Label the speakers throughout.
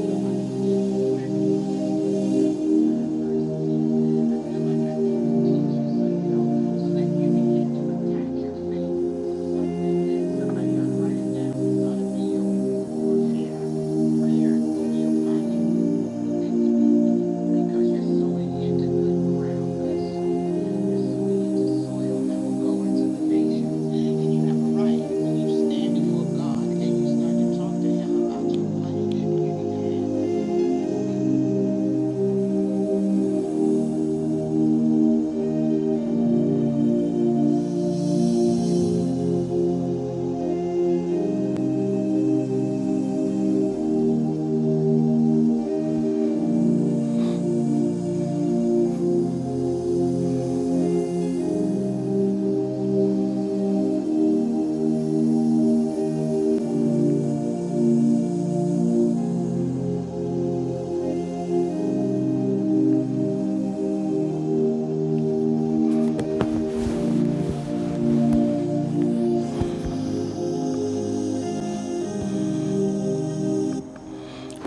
Speaker 1: Right. When you stand before God and you start to talk to Him about your life, you need to have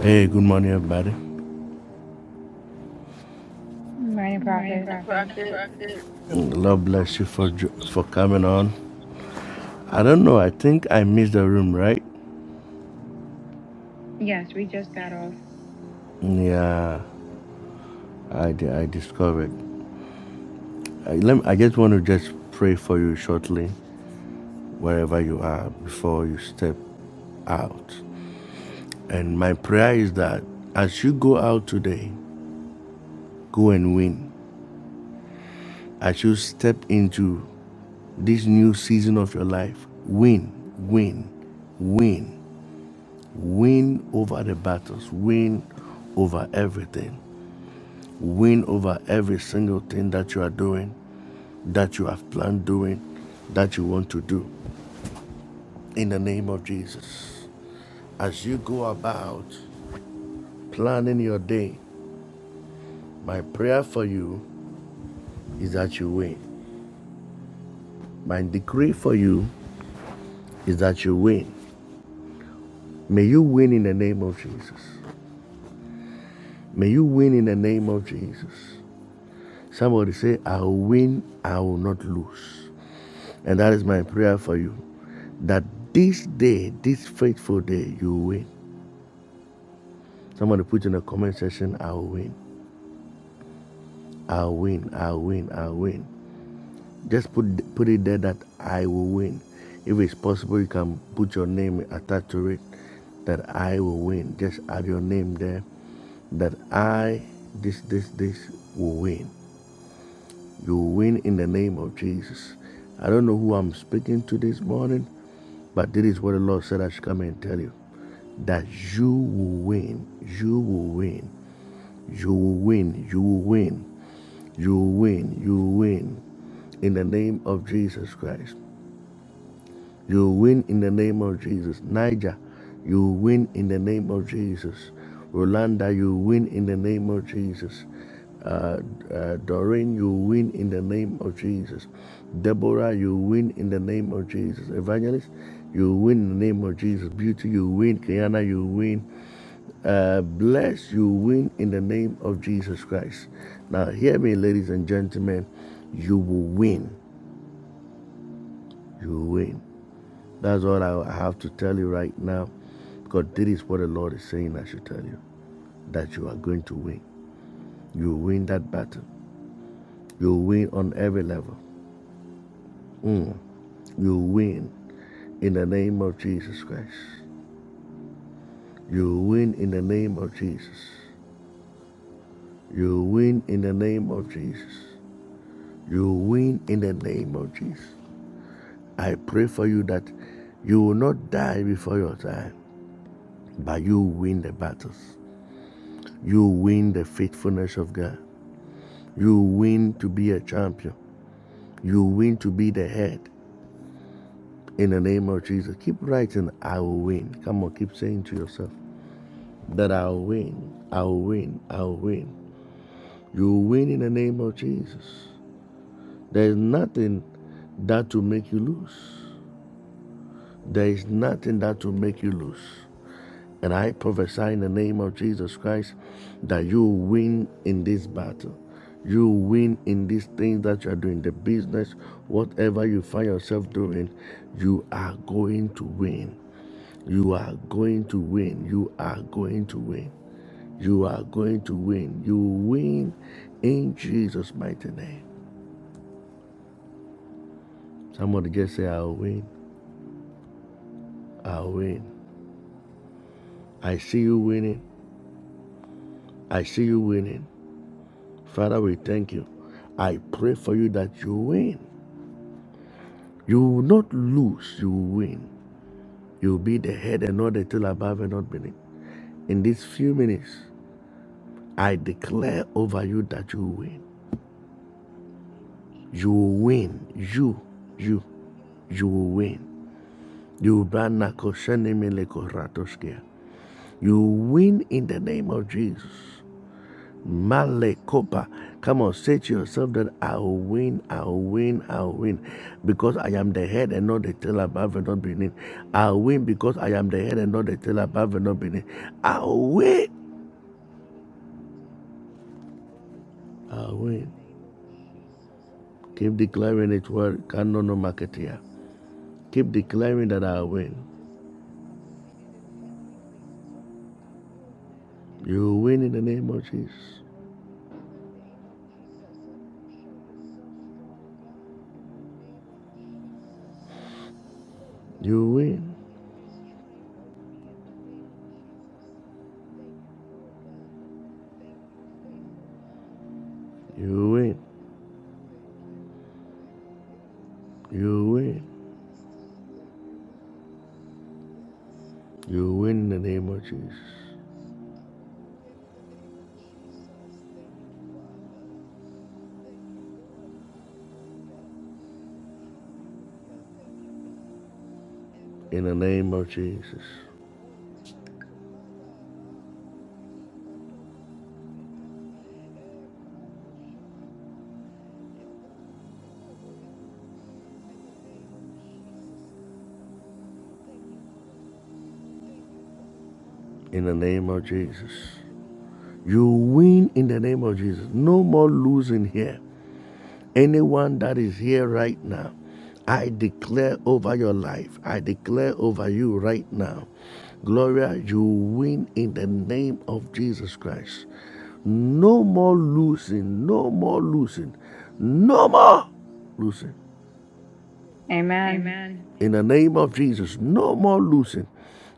Speaker 1: Hey, good morning, everybody. Good
Speaker 2: Many
Speaker 1: Morning,
Speaker 2: prophets.
Speaker 1: Prophet.
Speaker 3: Prophet.
Speaker 4: Good morning.
Speaker 1: Lord bless you for jo- for coming on. I don't know. I think I missed the room, right? Yes, we just got off. Yeah, I di- I discovered. I, let me, I just want to just pray for you shortly, wherever you are, before you step out. And my prayer is that as you go out today, go and win. As you step into this new season of your life, win, win, win. Win over the battles, win over everything, win over every single thing that you are doing, that you have planned doing, that you want to do. In the name of Jesus. As you go about planning your day, my prayer for you is that you win. My decree for you is that you win. May you win in the name of Jesus. May you win in the name of Jesus. Somebody say, I will win, I will not lose. And that is my prayer for you that this day, this faithful day, you win. Somebody put in the comment section, I'll win. I'll win. I'll win. I'll win. Just put put it there that I will win. If it's possible, you can put your name attached to it that I will win. Just add your name there that I this this this will win. You win in the name of Jesus. I don't know who I'm speaking to this morning, but this is what the Lord said I should come and tell you that you will win. You will win. You will win. You will win. You will win. You will win. In the name of Jesus Christ. You win in the name of Jesus. Niger, you win in the name of Jesus. Rolanda, you win in the name of Jesus. Uh, uh, Doreen, you win in the name of Jesus. Deborah, you win in the name of Jesus. Evangelist, you win in the name of Jesus. Beauty, you win. Kiana, you win. Uh, bless, you win in the name of Jesus Christ. Now, hear me, ladies and gentlemen. You will win. You will win. That's all I have to tell you right now. Because this is what the Lord is saying I should tell you. That you are going to win. You win that battle. You win on every level. Mm. You win in the name of Jesus Christ. You win in the name of Jesus. You win in the name of Jesus. You win in the name of Jesus. I pray for you that you will not die before your time, but you win the battles. You win the faithfulness of God. You win to be a champion. You win to be the head. In the name of Jesus, keep writing, I will win. Come on, keep saying to yourself that I will win. I will win. I will win. You will win in the name of Jesus. There is nothing that will make you lose. There is nothing that will make you lose. And I prophesy in the name of Jesus Christ that you win in this battle. You win in these things that you are doing, the business, whatever you find yourself doing, you are going to win. You are going to win. You are going to win. You are going to win. You win in Jesus' mighty name. Somebody just say, I'll win. I'll win. I see you winning. I see you winning. Father, we thank you. I pray for you that you win. You will not lose, you will win. You will be the head and not the tail above and not beneath. In these few minutes, I declare over you that you will win. You will win. You, you, you will win. You will ban Nako Shene Mele Korato You win in the name of Jesus. Malekopa. Come on, say to yourself that I will win, I will win, I will win. Because I am the head and not the tail above and not beneath. I will win because I am the head and not the tail above and not beneath. I will win. I will win. Keep declaring it word can no no marketeer. Keep declaring that I will win. You will win in the name of Jesus. You will win. You will win. You will win. You will win in the name of Jesus. In the name of Jesus. In the name of Jesus. You win in the name of Jesus. No more losing here. Anyone that is here right now, I declare over your life, I declare over you right now. Gloria, you win in the name of Jesus Christ. No more losing, no more losing, no more losing.
Speaker 2: Amen.
Speaker 1: Amen. In the name of Jesus, no more losing.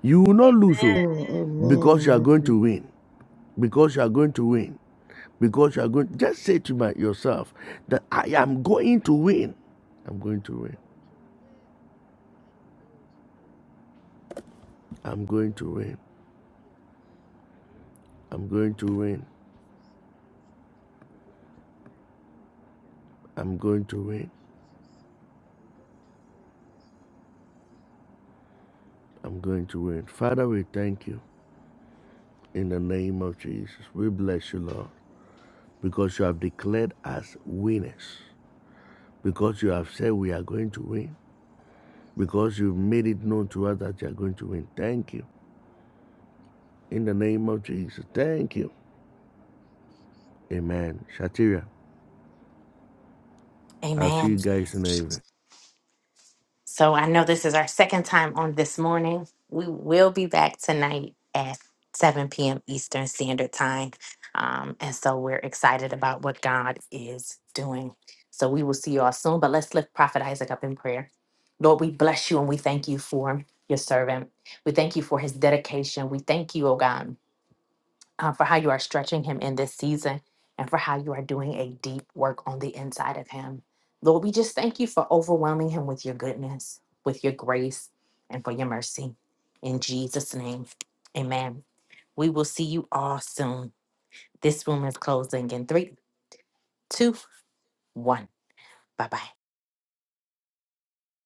Speaker 1: You will not lose
Speaker 3: Amen.
Speaker 1: oh,
Speaker 5: Amen.
Speaker 1: because you are
Speaker 5: Amen.
Speaker 1: going to win, because you are going to win because you are going just say to my, yourself that i am going to win i'm going to win i'm going to win i'm going to win i'm going to win i'm going to win father we thank you in the name of jesus we bless you lord because you have declared us winners because you have said we are going to win because you've made it known to us that you are going to win thank you in the name of jesus thank you amen shatira i'll see you
Speaker 6: Amen.
Speaker 1: guys in the evening
Speaker 6: So I know this is our second time on this morning. We will be back tonight at 7 p.m. Eastern Standard Time. Um, and so we're excited about what God is doing. So we will see you all soon, but let's lift Prophet Isaac up in prayer. Lord, we bless you and we thank you for your servant. We thank you for his dedication. We thank you, oh God um, for how you are stretching him in this season and for how you are doing a deep work on the inside of him. Lord, we just thank you for overwhelming him with your goodness, with your grace, and for your mercy. In Jesus' name, amen. We will see you all soon. This room is closing in three, two, one. Bye bye.